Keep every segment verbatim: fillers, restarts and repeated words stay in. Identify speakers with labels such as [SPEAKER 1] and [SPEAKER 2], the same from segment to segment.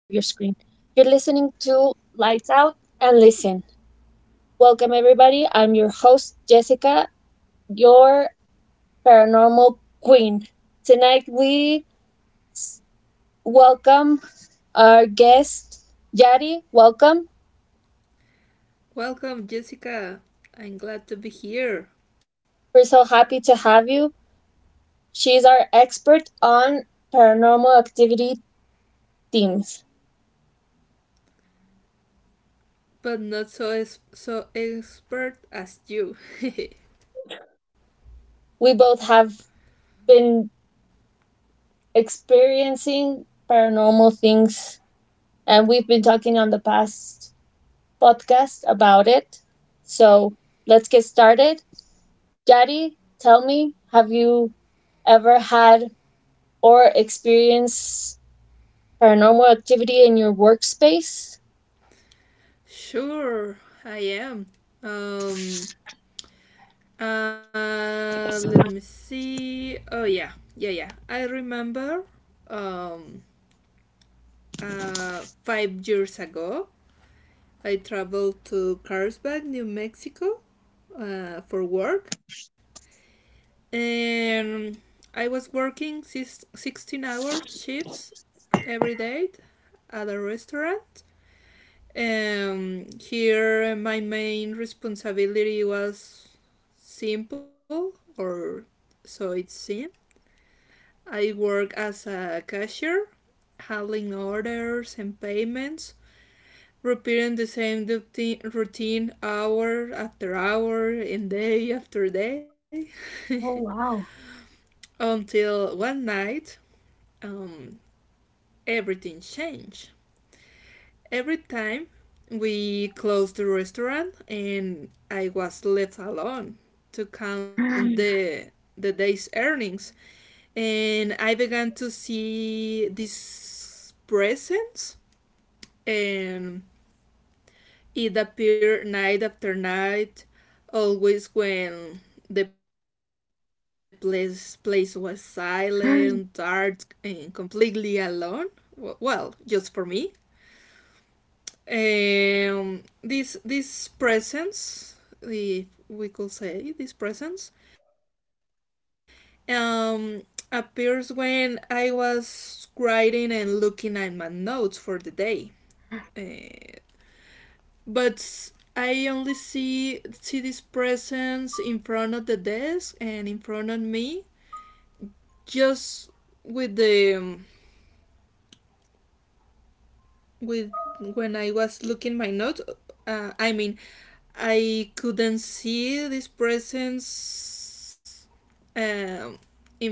[SPEAKER 1] You're listening to Lights Out and Listen. Welcome, everybody. I'm your host, Jessica, your paranormal queen. Tonight, we s- welcome our guest, Yari. Welcome.
[SPEAKER 2] Welcome, Jessica. I'm glad to be here,
[SPEAKER 1] We're so happy to have you. She's our expert on paranormal activity themes.
[SPEAKER 2] but not so es- so expert as you.
[SPEAKER 1] We both have been experiencing paranormal things. And we've been talking on the past podcast about it. So let's get started. Jaddy, tell me, have you ever had or experienced paranormal activity in your workspace?
[SPEAKER 2] Sure, I am. Um, uh, Let me see. Oh yeah, yeah, yeah. I remember. Um, uh, Five years ago, I traveled to Carlsbad, New Mexico, uh, for work, and I was working six hour shifts every date at a restaurant. Um, here, my main responsibility was simple, or so it seemed. I work as a cashier, handling orders and payments, repeating the same routine hour after hour and day after day until one night, um, everything changed. Every time we closed the restaurant and I was left alone to count the the day's earnings and I began to see this presence, and it appeared night after night, always when the place place was silent, dark, and completely alone. Well, just for me. Um, this this presence, if we could say this presence, um, appears when I was writing and looking at my notes for the day. Uh, but I only see see this presence in front of the desk and in front of me, just with the um, with when I was looking my notes. Uh, I mean, I couldn't see this presence, um, in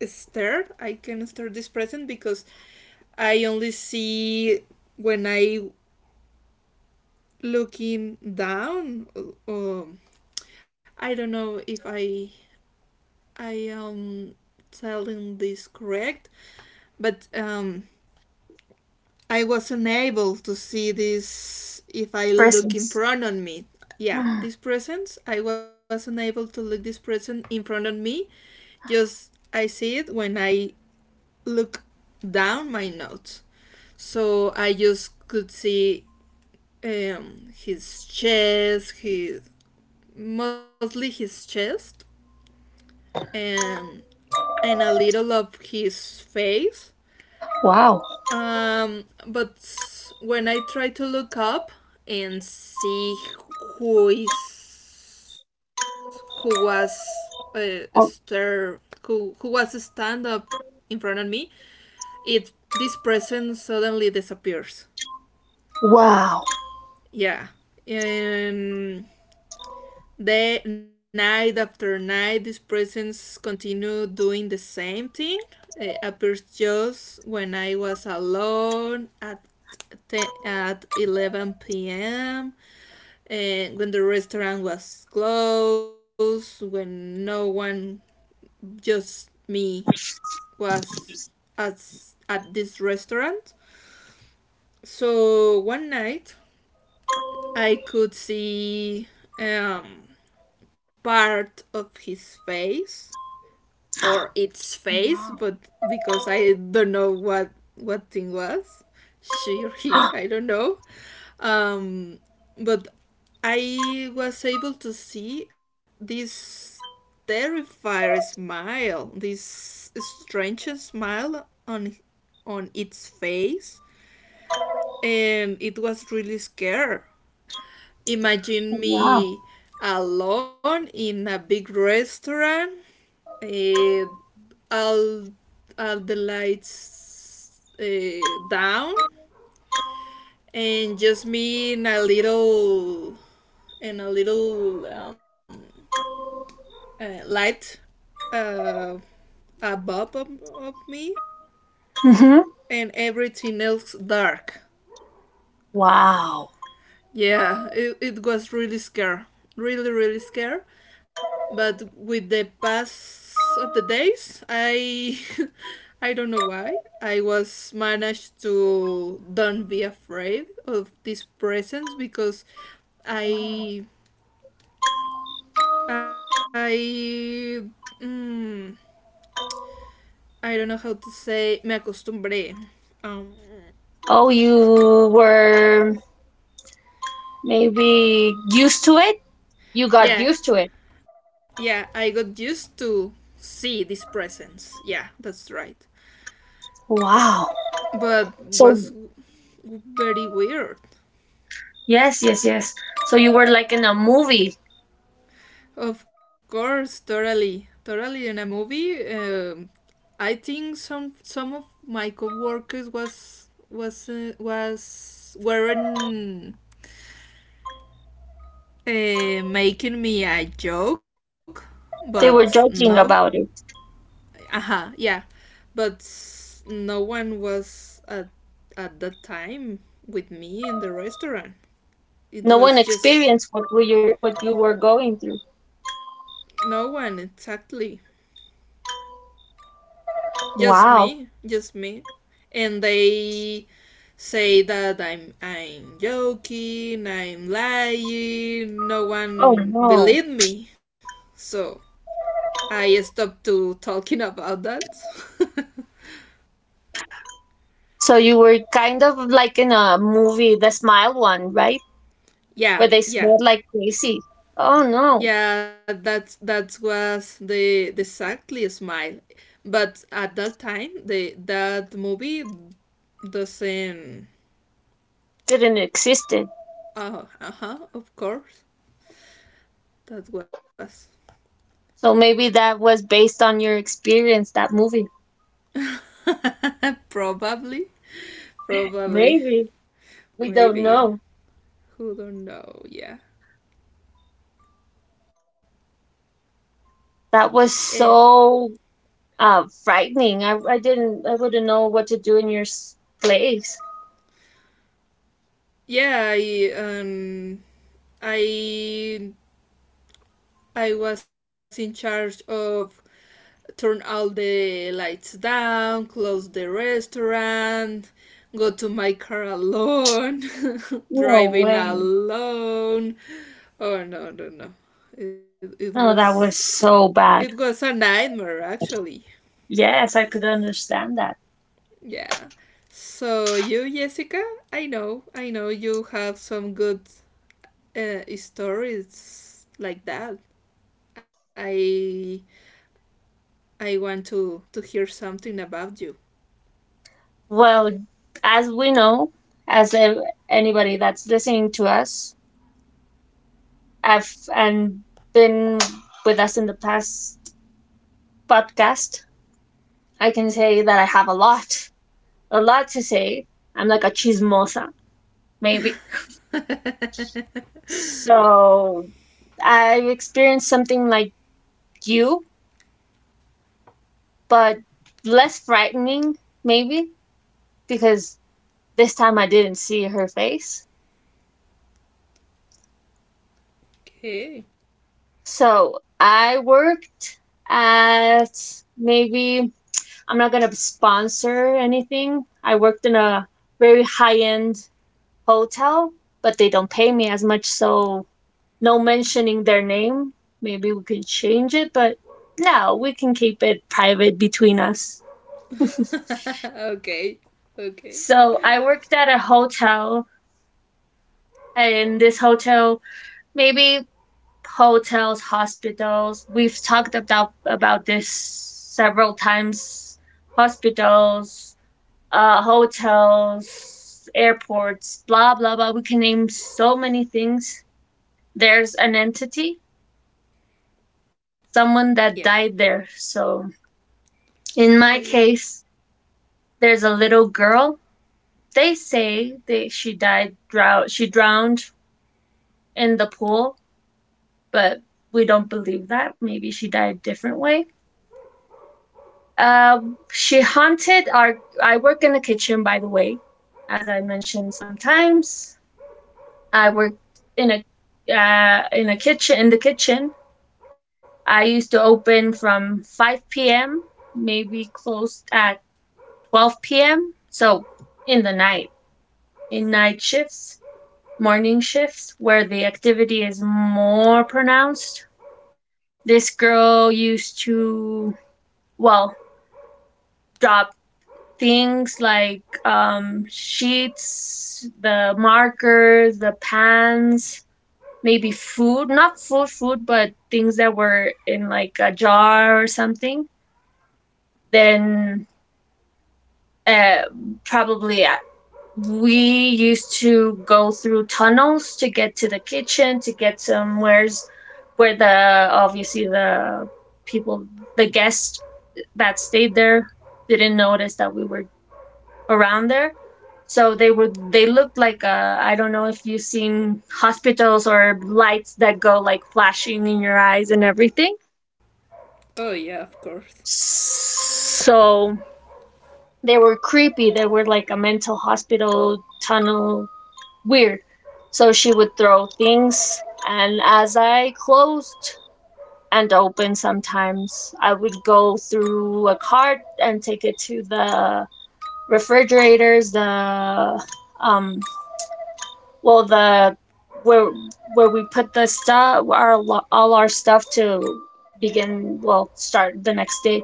[SPEAKER 2] start I can start this present because I only see when I looking down. uh, Um, I don't know if I I am telling this correct, but um, I was unable to see this if I look in
[SPEAKER 1] Presence.
[SPEAKER 2] front of me. Yeah, this presence. I was unable to look this present in front of me. Just I see it when I look down my notes. So I just could see, um, his chest, his mostly his chest, and and a little of his face.
[SPEAKER 1] Wow.
[SPEAKER 2] Um, but when I try to look up and see who is who was uh,
[SPEAKER 1] Oh,
[SPEAKER 2] stir who who was stand up in front of me, it this person suddenly disappears.
[SPEAKER 1] wow.
[SPEAKER 2] Yeah, and the night after night, these presence continue doing the same thing. It appears just when I was alone at at eleven p m and when the restaurant was closed, when no one, just me, was at at this restaurant. So one night I could see, um, part of his face or its face,
[SPEAKER 1] Wow.
[SPEAKER 2] but because I don't know what what thing was she or he, I don't know. Um, but I was able to see this terrified smile, this strange smile on on its face, and it was really scary. Imagine
[SPEAKER 1] Wow.
[SPEAKER 2] me alone in a big restaurant, uh, all all the lights uh, down, and just me in a little in a little um, uh, light, uh, above of, of me,
[SPEAKER 1] Hmm.
[SPEAKER 2] and everything else dark.
[SPEAKER 1] Wow.
[SPEAKER 2] Yeah, it, it was really scare, really, really scare. But with the pass of the days, I I don't know why I was managed to don't be afraid of this presence because I I mm, I don't know how to say me acostumbré. Um,
[SPEAKER 1] Oh, you were maybe used to it? You got used
[SPEAKER 2] yeah,
[SPEAKER 1] to it.
[SPEAKER 2] yeah, I got used to see this presence. Yeah, that's right.
[SPEAKER 1] Wow.
[SPEAKER 2] But
[SPEAKER 1] So.
[SPEAKER 2] was very weird.
[SPEAKER 1] Yes, yes, yes. So you were like in a movie.
[SPEAKER 2] Of course, totally, totally in a movie. Um, I think some some of my coworkers was was uh, was weren't uh, making me a joke, but
[SPEAKER 1] They were
[SPEAKER 2] no,
[SPEAKER 1] joking about it.
[SPEAKER 2] uh-huh, yeah, but no one was at at that time with me in the restaurant. It
[SPEAKER 1] No one
[SPEAKER 2] was just
[SPEAKER 1] experienced what we were, what you were going through.
[SPEAKER 2] no one exactly. Just
[SPEAKER 1] Wow.
[SPEAKER 2] me, just me. And they say that I'm I'm joking, I'm lying, no
[SPEAKER 1] Oh,
[SPEAKER 2] one
[SPEAKER 1] no.
[SPEAKER 2] believed me. So I stopped to talking about that.
[SPEAKER 1] So you were kind of like in a movie, the smile one, right?
[SPEAKER 2] Yeah,
[SPEAKER 1] Where they
[SPEAKER 2] yeah.
[SPEAKER 1] smiled like crazy. Oh, no.
[SPEAKER 2] Yeah, that's that was the the exactly smile. But at that time the that movie doesn't.
[SPEAKER 1] Didn't existed.
[SPEAKER 2] Oh, uh-huh, of course. That was
[SPEAKER 1] So maybe that was based on your experience, that movie.
[SPEAKER 2] probably. Probably.
[SPEAKER 1] Maybe. We don't
[SPEAKER 2] Maybe.
[SPEAKER 1] know.
[SPEAKER 2] Who don't know? Yeah.
[SPEAKER 1] That was
[SPEAKER 2] Eh,
[SPEAKER 1] so uh frightening. I I didn't I wouldn't know what to do in your s- place.
[SPEAKER 2] yeah, I um I I was in charge of turn all the lights down, close the restaurant, go to my car alone,
[SPEAKER 1] No
[SPEAKER 2] driving
[SPEAKER 1] way.
[SPEAKER 2] alone. Oh no, no, no. It, it
[SPEAKER 1] No,
[SPEAKER 2] was
[SPEAKER 1] that was so
[SPEAKER 2] it was
[SPEAKER 1] bad.
[SPEAKER 2] a nightmare actually.
[SPEAKER 1] Yes, I could understand that.
[SPEAKER 2] Yeah. So you, Jessica, I know, I know you have some good uh, stories like that. I I want to to hear something about you.
[SPEAKER 1] Well, as we know, as ev- anybody that's listening to us, I've and been with us in the past podcast, I can say that I have a lot, a lot to say. I'm like a chismosa, maybe. So I've experienced something like you, but less frightening, maybe, because this time I didn't see her face.
[SPEAKER 2] Okay.
[SPEAKER 1] So I worked at maybe, I'm not going to sponsor anything. I worked in a very high end hotel, but they don't pay me as much. So no mentioning their name. Maybe we can change it, but no, we can keep it private between us.
[SPEAKER 2] Okay. Okay.
[SPEAKER 1] So I worked at a hotel, and this hotel maybe hotels, hospitals. We've talked about about this several times. Hospitals, uh, hotels, airports, blah blah blah. We can name so many things. There's an entity, someone
[SPEAKER 2] Yeah.
[SPEAKER 1] that died there. So in
[SPEAKER 2] Oh
[SPEAKER 1] my
[SPEAKER 2] yeah.
[SPEAKER 1] case, there's a little girl. They say that she died, drow she drowned in the pool, but we don't believe that. Maybe she died a different way. Um, she haunted our. I work in the kitchen, by the way, as I mentioned sometimes. I worked in a uh, in a kitchen in the kitchen. I used to open from five p m, maybe closed at twelve p m. So in the night, in night shifts, morning shifts where the activity is more pronounced. This girl used to, well, job things like um, sheets, the markers, the pans, maybe food, not full food, but things that were in like a jar or something, then uh, probably uh, we used to go through tunnels to get to the kitchen, to get somewheres where the obviously the people, the guests that stayed there didn't notice that we were around there. So they were they looked like uh, I don't know if you've seen hospitals or lights that go like flashing in your eyes and everything.
[SPEAKER 2] Oh yeah, of course.
[SPEAKER 1] So they were creepy. They were like a mental hospital tunnel weird. So she would throw things, and as I closed and opened sometimes I would go through a cart and take it to the refrigerators, the um well the where where we put the stuff, our all our stuff to begin well, start the next day.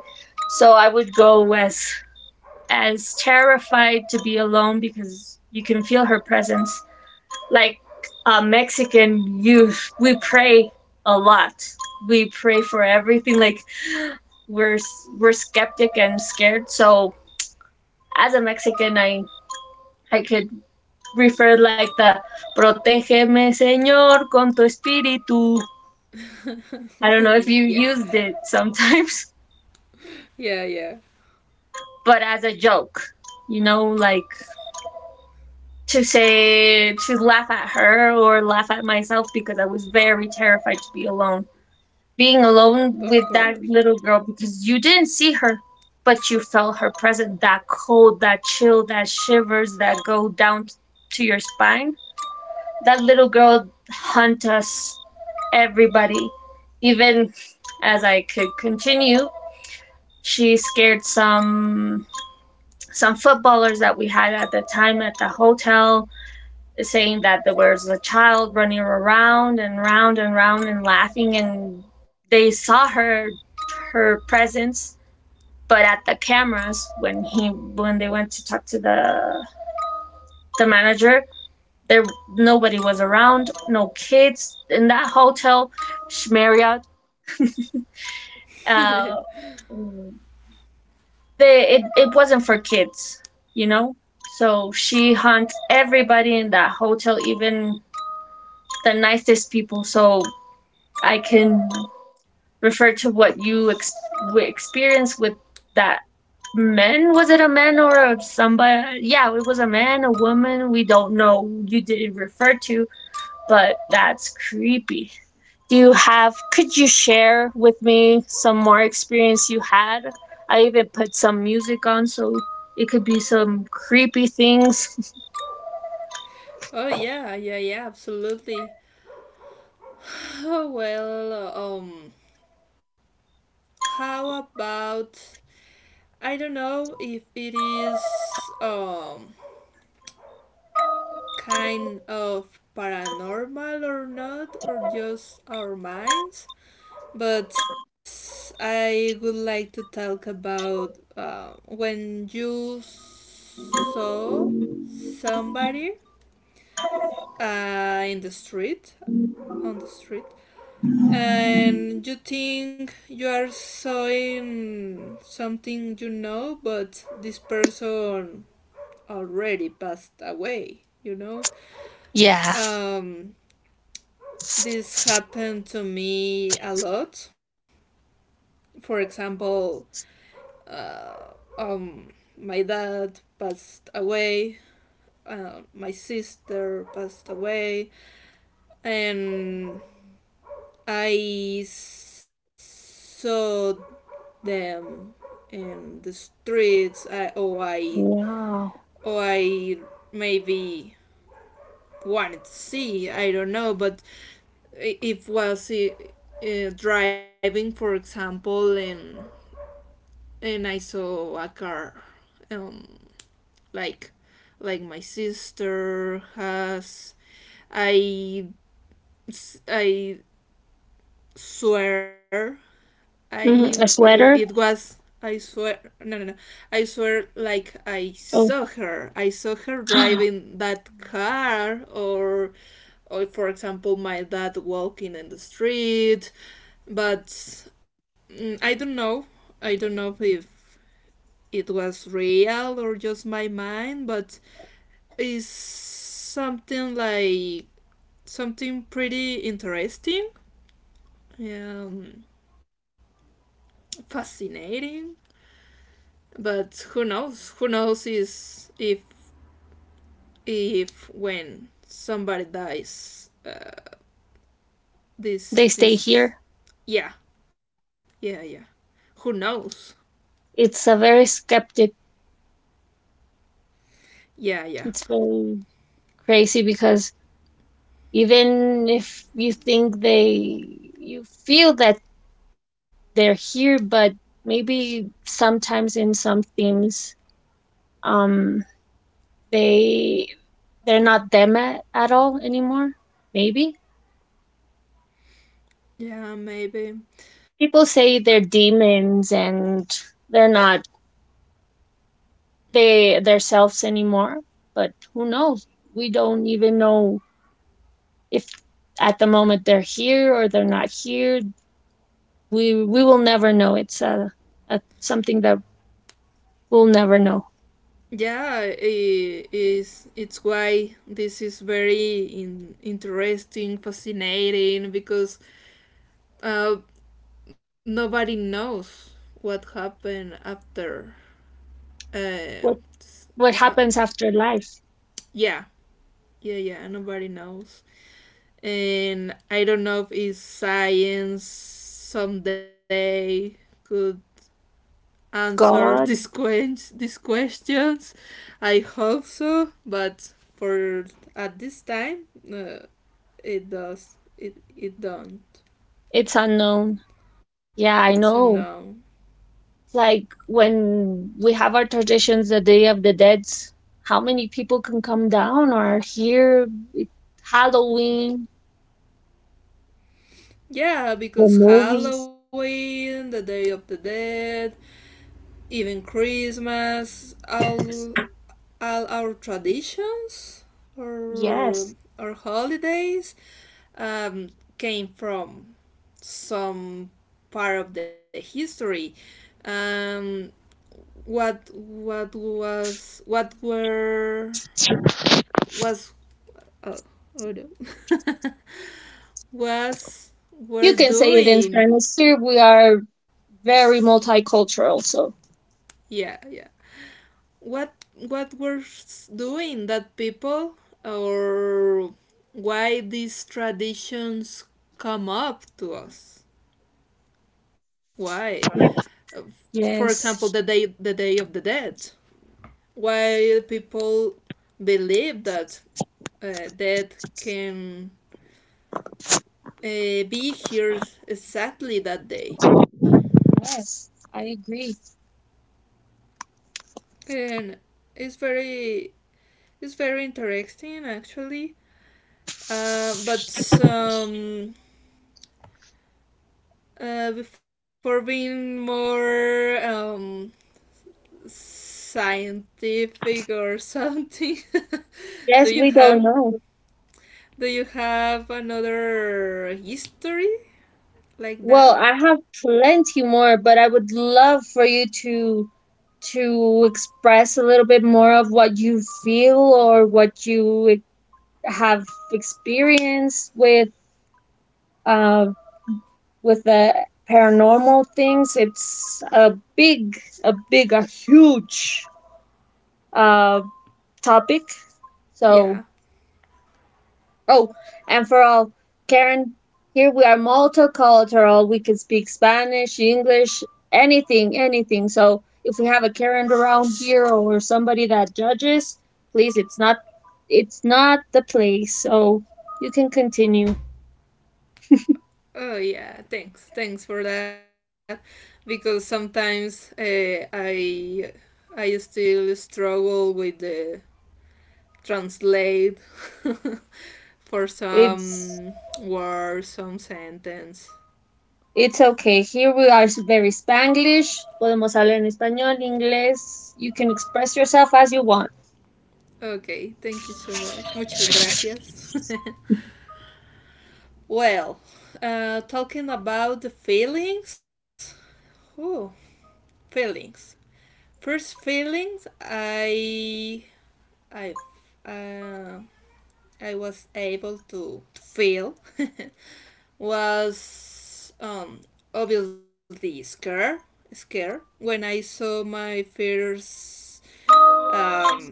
[SPEAKER 1] So I would go as as terrified to be alone because you can feel her presence. Like a Mexican, you we pray a lot. We pray for everything. Like, we're we're skeptic and scared, so as a Mexican, i i could refer like the Protégeme, Señor, con tu espíritu. I don't know if
[SPEAKER 2] Yeah.
[SPEAKER 1] you used it sometimes,
[SPEAKER 2] Yeah, yeah.
[SPEAKER 1] but as a joke, you know, like, to say, to laugh at her or laugh at myself because I was very terrified to be alone. Being
[SPEAKER 2] Of
[SPEAKER 1] alone
[SPEAKER 2] course.
[SPEAKER 1] with that little girl, because you didn't see her, but you felt her presence, that cold, that chill, that shivers that go down t- to your spine. That little girl hunt us everybody. Even as I could continue, she scared some some footballers that we had at the time at the hotel, saying that there was a child running around and round and round and laughing, and they saw her her presence. But at the cameras, when he when they went to talk to the the manager, there nobody was around, no kids in that hotel. Marriott, uh, the it, it wasn't for kids, you know? So she hunts everybody in that hotel, even the nicest people. So I can refer to what you ex- experienced with that man. Was it a man or a somebody? Yeah, it was a man, a woman. We don't know. You didn't refer to, but that's creepy. Do you have, could you share with me some more experience you had? I even put some music on so it could be some creepy things.
[SPEAKER 2] Oh yeah, yeah, yeah, absolutely. Oh well, um how about I don't know if it is um kind of paranormal or not or just our minds, but I would like to talk about, uh, when you saw somebody uh, in the street on the street, and you think you are seeing something you know but this person already passed away, you know?
[SPEAKER 1] Yeah.
[SPEAKER 2] Um, this happened to me a lot. For example, uh, um, my dad passed away, uh, my sister passed away, and I saw them in the streets. I, oh, I,
[SPEAKER 1] Wow.
[SPEAKER 2] oh, I maybe wanted to see. I don't know, but if was uh, driving, for example, and and I saw a car, um, like like my sister has, I I swear I
[SPEAKER 1] Mm, a
[SPEAKER 2] it
[SPEAKER 1] sweater?
[SPEAKER 2] was I swear, no, no, no, I swear like I saw
[SPEAKER 1] Oh,
[SPEAKER 2] her I saw her driving that car, or or for example my dad walking in the street, but mm, I don't know. I don't know if it was real or just my mind, but it's something like something pretty interesting, um, fascinating. But who knows? Who knows is if if when somebody dies, uh,
[SPEAKER 1] they
[SPEAKER 2] this
[SPEAKER 1] stay
[SPEAKER 2] this
[SPEAKER 1] here.
[SPEAKER 2] yeah, yeah, yeah. Who knows?
[SPEAKER 1] It's a very skeptic.
[SPEAKER 2] Yeah, yeah,
[SPEAKER 1] It's very crazy, because even if you think they, you feel that they're here, but maybe sometimes in some themes, um, they they're not them at, at all anymore. Maybe
[SPEAKER 2] yeah, maybe.
[SPEAKER 1] people say they're demons, and they're not they themselves anymore. But who knows? We don't even know if at the moment they're here or they're not here. We we will never know. It's a, a something that we'll never know.
[SPEAKER 2] Yeah, I- is it's why this is very in, interesting, fascinating because uh, nobody knows what happened after. Uh,
[SPEAKER 1] what
[SPEAKER 2] s-
[SPEAKER 1] what
[SPEAKER 2] uh,
[SPEAKER 1] happens after life.
[SPEAKER 2] yeah, yeah, yeah. Nobody knows, and I don't know if it's science someday could answer these
[SPEAKER 1] God,
[SPEAKER 2] questions. These questions, I hope so, but for at this time. Uh, It does. It it don't.
[SPEAKER 1] it's unknown. Yeah,
[SPEAKER 2] It's a
[SPEAKER 1] I
[SPEAKER 2] no.
[SPEAKER 1] know. It's like when we have our traditions, the day of the dead. How many people can come down or here. Halloween.
[SPEAKER 2] Yeah,
[SPEAKER 1] The
[SPEAKER 2] because
[SPEAKER 1] movies.
[SPEAKER 2] Halloween, the Day of the Dead, even Christmas, all all our traditions or
[SPEAKER 1] Yes.
[SPEAKER 2] our holidays, um, came from some part of the history. Um, what what was what were was, oh, oh no. Was
[SPEAKER 1] You
[SPEAKER 2] were
[SPEAKER 1] can say it in
[SPEAKER 2] doing.
[SPEAKER 1] Spanish. Here we are very multicultural, so
[SPEAKER 2] Yeah, yeah. What what were s- doing that people, or why these traditions come up to us? Why? Uh, For example, the
[SPEAKER 1] yes,
[SPEAKER 2] day the day of the dead. Why people believe that uh, death can uh, be here exactly that day,
[SPEAKER 1] yes, I agree.
[SPEAKER 2] and it's very it's very interesting actually. Uh, but um, uh, before being more, um, scientific or something,
[SPEAKER 1] Yes,
[SPEAKER 2] do
[SPEAKER 1] we
[SPEAKER 2] you
[SPEAKER 1] don't
[SPEAKER 2] have
[SPEAKER 1] know.
[SPEAKER 2] do you have another history like
[SPEAKER 1] Well,
[SPEAKER 2] that?
[SPEAKER 1] I have plenty more, but I would love for you to to express a little bit more of what you feel or what you have experience with uh, with the paranormal things. It's a big, a big, a huge uh, topic. So,
[SPEAKER 2] Yeah.
[SPEAKER 1] oh, and for all, Karen, here we are multicultural. We can speak Spanish, English, anything, anything. So, if we have a Karen around here or somebody that judges, please, it's not, it's not the place. So, you can continue.
[SPEAKER 2] Oh yeah. Thanks. Thanks for that. Because sometimes, uh, I I still struggle with the translate for
[SPEAKER 1] It's
[SPEAKER 2] some word, some sentence.
[SPEAKER 1] It's okay. Here we are very Spanglish. Podemos hablar en español, inglés. You can express yourself as you want.
[SPEAKER 2] Okay, thank you so much. Muchas gracias. Well, uh, talking about the feelings. Oh, feelings. First feelings, I, I, uh, I was able to feel was, um, obviously scare, scare when I saw my first, um,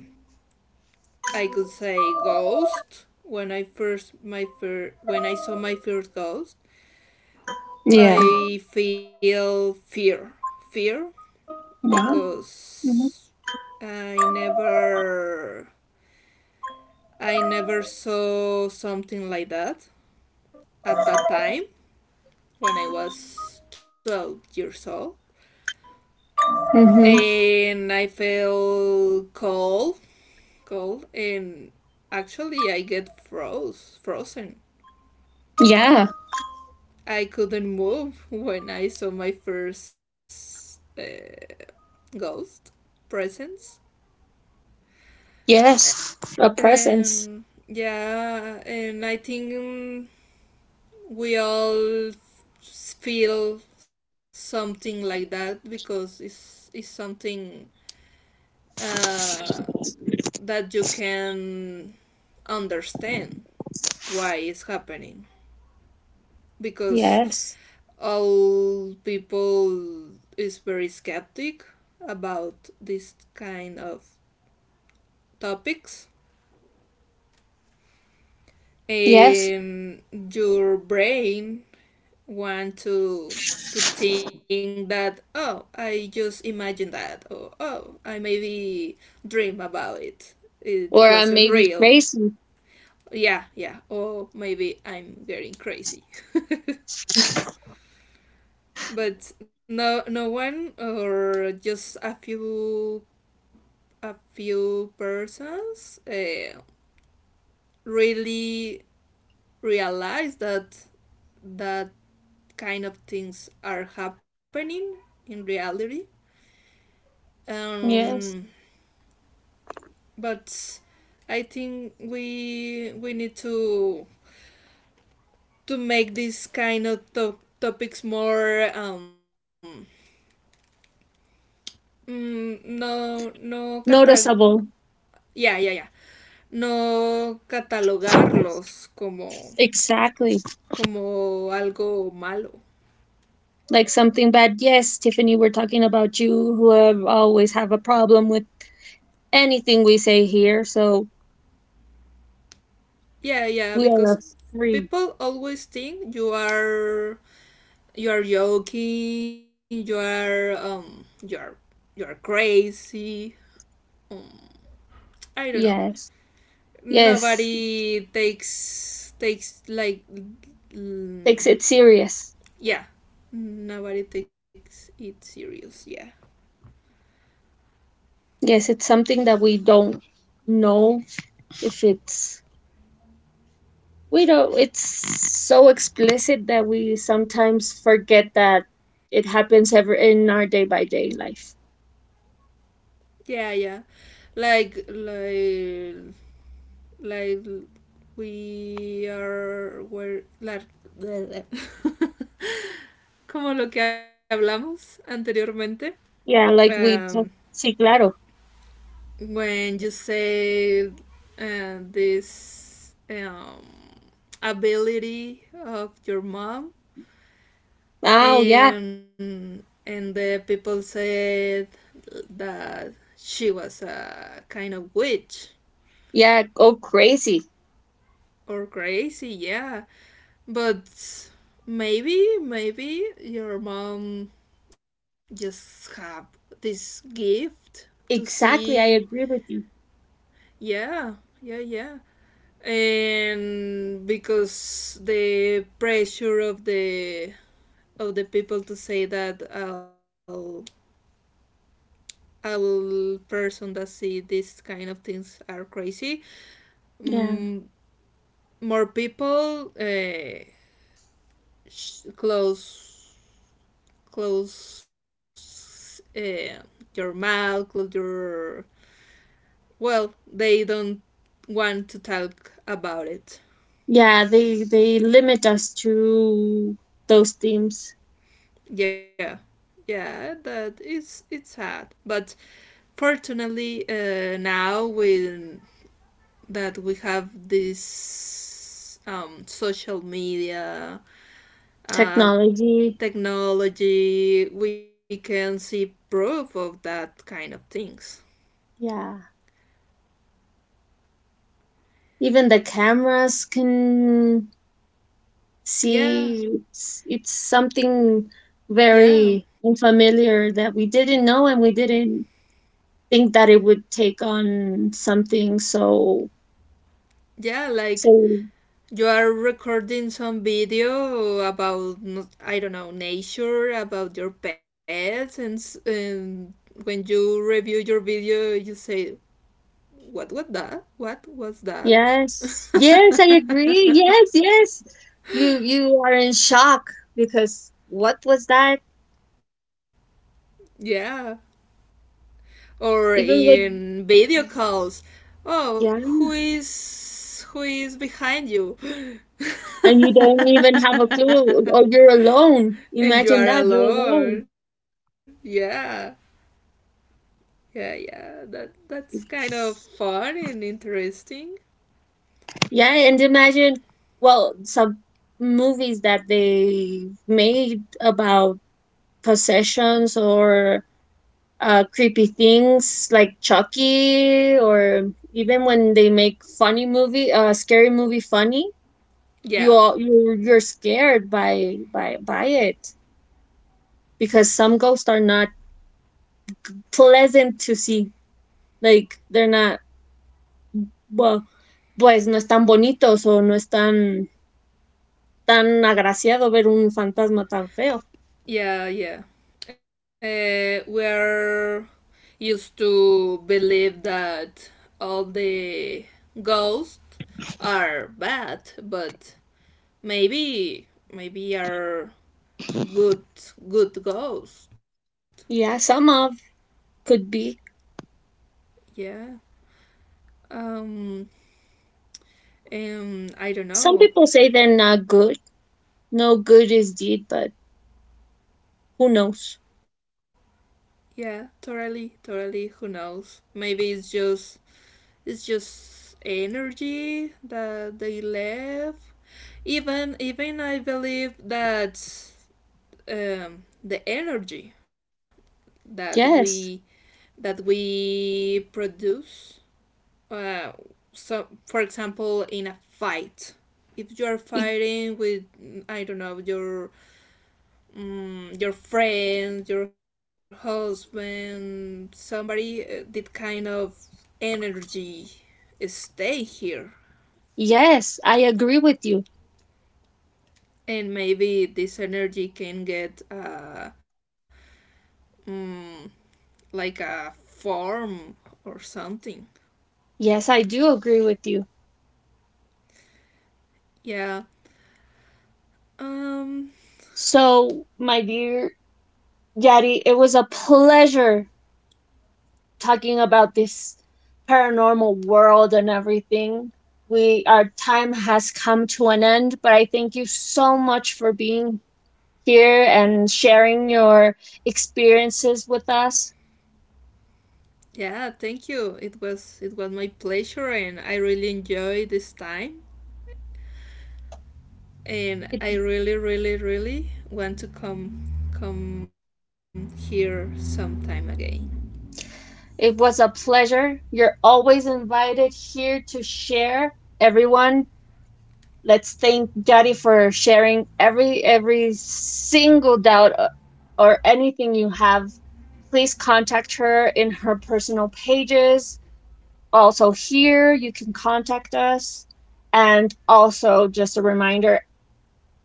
[SPEAKER 2] I could say ghost. When I first my fir- when I saw my first ghost,
[SPEAKER 1] Yeah.
[SPEAKER 2] I feel fear, fear
[SPEAKER 1] Wow. Mm-hmm.
[SPEAKER 2] because I never I never saw something like that at that time when I was twelve years old.
[SPEAKER 1] Mm-hmm.
[SPEAKER 2] And I feel cold, cold, and actually I get froze, frozen.
[SPEAKER 1] Yeah.
[SPEAKER 2] I couldn't move when I saw my first, uh, ghost presence.
[SPEAKER 1] Yes. A presence.
[SPEAKER 2] And yeah, and I think, mm, we all feel something like that because it's, it's something uh, that you can understand why it's happening. Because
[SPEAKER 1] Yes.
[SPEAKER 2] all people is very skeptic about this kind of topics.
[SPEAKER 1] Yes.
[SPEAKER 2] um, your brain want to to think that, oh, I just imagine that, or oh, I maybe dream about it, it
[SPEAKER 1] Or I
[SPEAKER 2] wasn't
[SPEAKER 1] may be
[SPEAKER 2] real.
[SPEAKER 1] crazy.
[SPEAKER 2] Yeah, yeah, or maybe I'm getting crazy. But no, no one or just a few a few persons, uh, really realize that that kind of things are happening in reality.
[SPEAKER 1] Yes.
[SPEAKER 2] Um, but I think we we need to to make these kind of to- topics more um mm, no no cata
[SPEAKER 1] Noticeable.
[SPEAKER 2] yeah, yeah, yeah, no catalogarlos como
[SPEAKER 1] Exactly.
[SPEAKER 2] como algo malo.
[SPEAKER 1] Like something bad. Yes, Tiffany, we're talking about you who have always have a problem with anything we say here. So
[SPEAKER 2] Yeah, yeah,
[SPEAKER 1] we
[SPEAKER 2] because
[SPEAKER 1] are free.
[SPEAKER 2] people always think you are you are joking, you are um you are you are crazy. Um, I don't know.
[SPEAKER 1] Yes. Yes.
[SPEAKER 2] Nobody takes takes like,
[SPEAKER 1] Takes
[SPEAKER 2] mm,
[SPEAKER 1] it serious.
[SPEAKER 2] yeah. Nobody takes it serious. Yeah.
[SPEAKER 1] Yes, it's something that we don't know if it's we don't it's so explicit that we sometimes forget that it happens ever in our day by day life.
[SPEAKER 2] Yeah, yeah. Like like like we are where like como lo que hablamos anteriormente.
[SPEAKER 1] Yeah, like
[SPEAKER 2] Um,
[SPEAKER 1] we talk- sí, claro.
[SPEAKER 2] when you say, uh, this, um, ability of your mom,
[SPEAKER 1] Oh, yeah,
[SPEAKER 2] and and the people said that she was a kind of witch
[SPEAKER 1] yeah, go crazy.
[SPEAKER 2] or crazy, yeah. But maybe, maybe your mom just have this gift to see.
[SPEAKER 1] Exactly, I agree with you.
[SPEAKER 2] Yeah, yeah, yeah. And because the pressure of the of the people to say that all all person that see these kind of things are crazy,
[SPEAKER 1] Yeah.
[SPEAKER 2] mm, more people, uh, sh- close close uh, your mouth, close your, well, they don't want to talk about it.
[SPEAKER 1] Yeah, they they limit us to those themes.
[SPEAKER 2] Yeah, yeah, that is it's sad, but fortunately, uh, now we that we have this, um, social media, uh,
[SPEAKER 1] Technology,
[SPEAKER 2] technology, we can see proof of that kind of things.
[SPEAKER 1] yeah. Even the cameras can
[SPEAKER 2] Yeah,
[SPEAKER 1] see. It's, it's, something
[SPEAKER 2] yeah,
[SPEAKER 1] very unfamiliar that we didn't know, and we didn't think that it would take on something so
[SPEAKER 2] yeah.
[SPEAKER 1] so
[SPEAKER 2] Like you are recording some video about, not- I don't know, nature, about your pets, and, s- and when you review your video, you say, "What was that? What was that?"
[SPEAKER 1] Yes, yes, I agree. Yes, yes. You you are in shock because what was that.
[SPEAKER 2] Yeah. Or
[SPEAKER 1] Even with,
[SPEAKER 2] in video calls, oh,
[SPEAKER 1] yeah.
[SPEAKER 2] who is who is behind you?
[SPEAKER 1] And you don't even have a clue, or you're alone.
[SPEAKER 2] And you
[SPEAKER 1] Imagine
[SPEAKER 2] are
[SPEAKER 1] that you're alone.
[SPEAKER 2] alone. Yeah. Yeah, yeah, that that's kind of fun and interesting.
[SPEAKER 1] Yeah, and imagine, well, some movies that they made about possessions or uh, creepy things like Chucky, or even when they make funny movie, uh, scary movie funny, you
[SPEAKER 2] Yeah,
[SPEAKER 1] all you're, you're scared by by by it, because some ghosts are not pleasant to see. Like, they're not, well, pues no es tan bonitos o no es tan tan agraciado ver un fantasma tan feo.
[SPEAKER 2] yeah, yeah. Uh, we're used to believe that all the ghosts are bad, but maybe, maybe are good, good ghosts.
[SPEAKER 1] Yeah, some of could be.
[SPEAKER 2] Yeah. Um. Um. I don't
[SPEAKER 1] Some
[SPEAKER 2] know.
[SPEAKER 1] people say they're not good. No good is deed, but who knows?
[SPEAKER 2] Yeah. Totally. Totally. Who knows? Maybe it's just it's just energy that they left. Even even I believe that, um, the energy that we
[SPEAKER 1] Yes.
[SPEAKER 2] that we produce. Uh, so, for example, in a fight, if you are
[SPEAKER 1] y-
[SPEAKER 2] fighting with, I don't know, your, um, your friend, your husband, somebody, uh, that kind of energy stay here,
[SPEAKER 1] Yes, I agree with you.
[SPEAKER 2] and maybe this energy can get, uh, mm, like a form or something.
[SPEAKER 1] Yes, I do agree with you.
[SPEAKER 2] Yeah. Um.
[SPEAKER 1] So, my dear Yadi, it was a pleasure talking about this paranormal world and everything. We our time has come to an end, but I thank you so much for being here and sharing your experiences with us.
[SPEAKER 2] Yeah. Thank you. It was it was my pleasure, and I really enjoyed this time. And
[SPEAKER 1] It
[SPEAKER 2] I really, really, really want to come come here sometime again.
[SPEAKER 1] It was a pleasure. You're always invited here to share. Everyone, let's thank Daddy for sharing every every single doubt, uh, or anything you have. Please contact her in her personal pages. Also here, you can contact us. And also, just a reminder,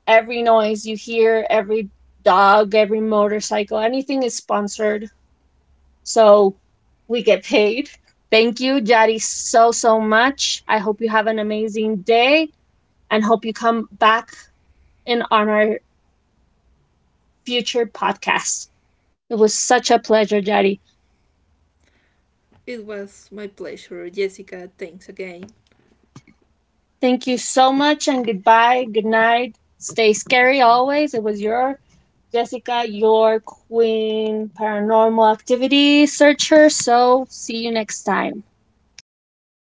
[SPEAKER 1] every noise you hear, every dog, every motorcycle, anything is sponsored so we get paid. Thank you, Jari, so, so much. I hope you have an amazing day and hope you come back in on our future podcast. It was such a pleasure, Jari.
[SPEAKER 2] It was my pleasure, Jessica. Thanks again.
[SPEAKER 1] Thank you so much, and goodbye. Good night. Stay scary always. It was your Jessica, your queen paranormal activity searcher. So see you next time.
[SPEAKER 2] See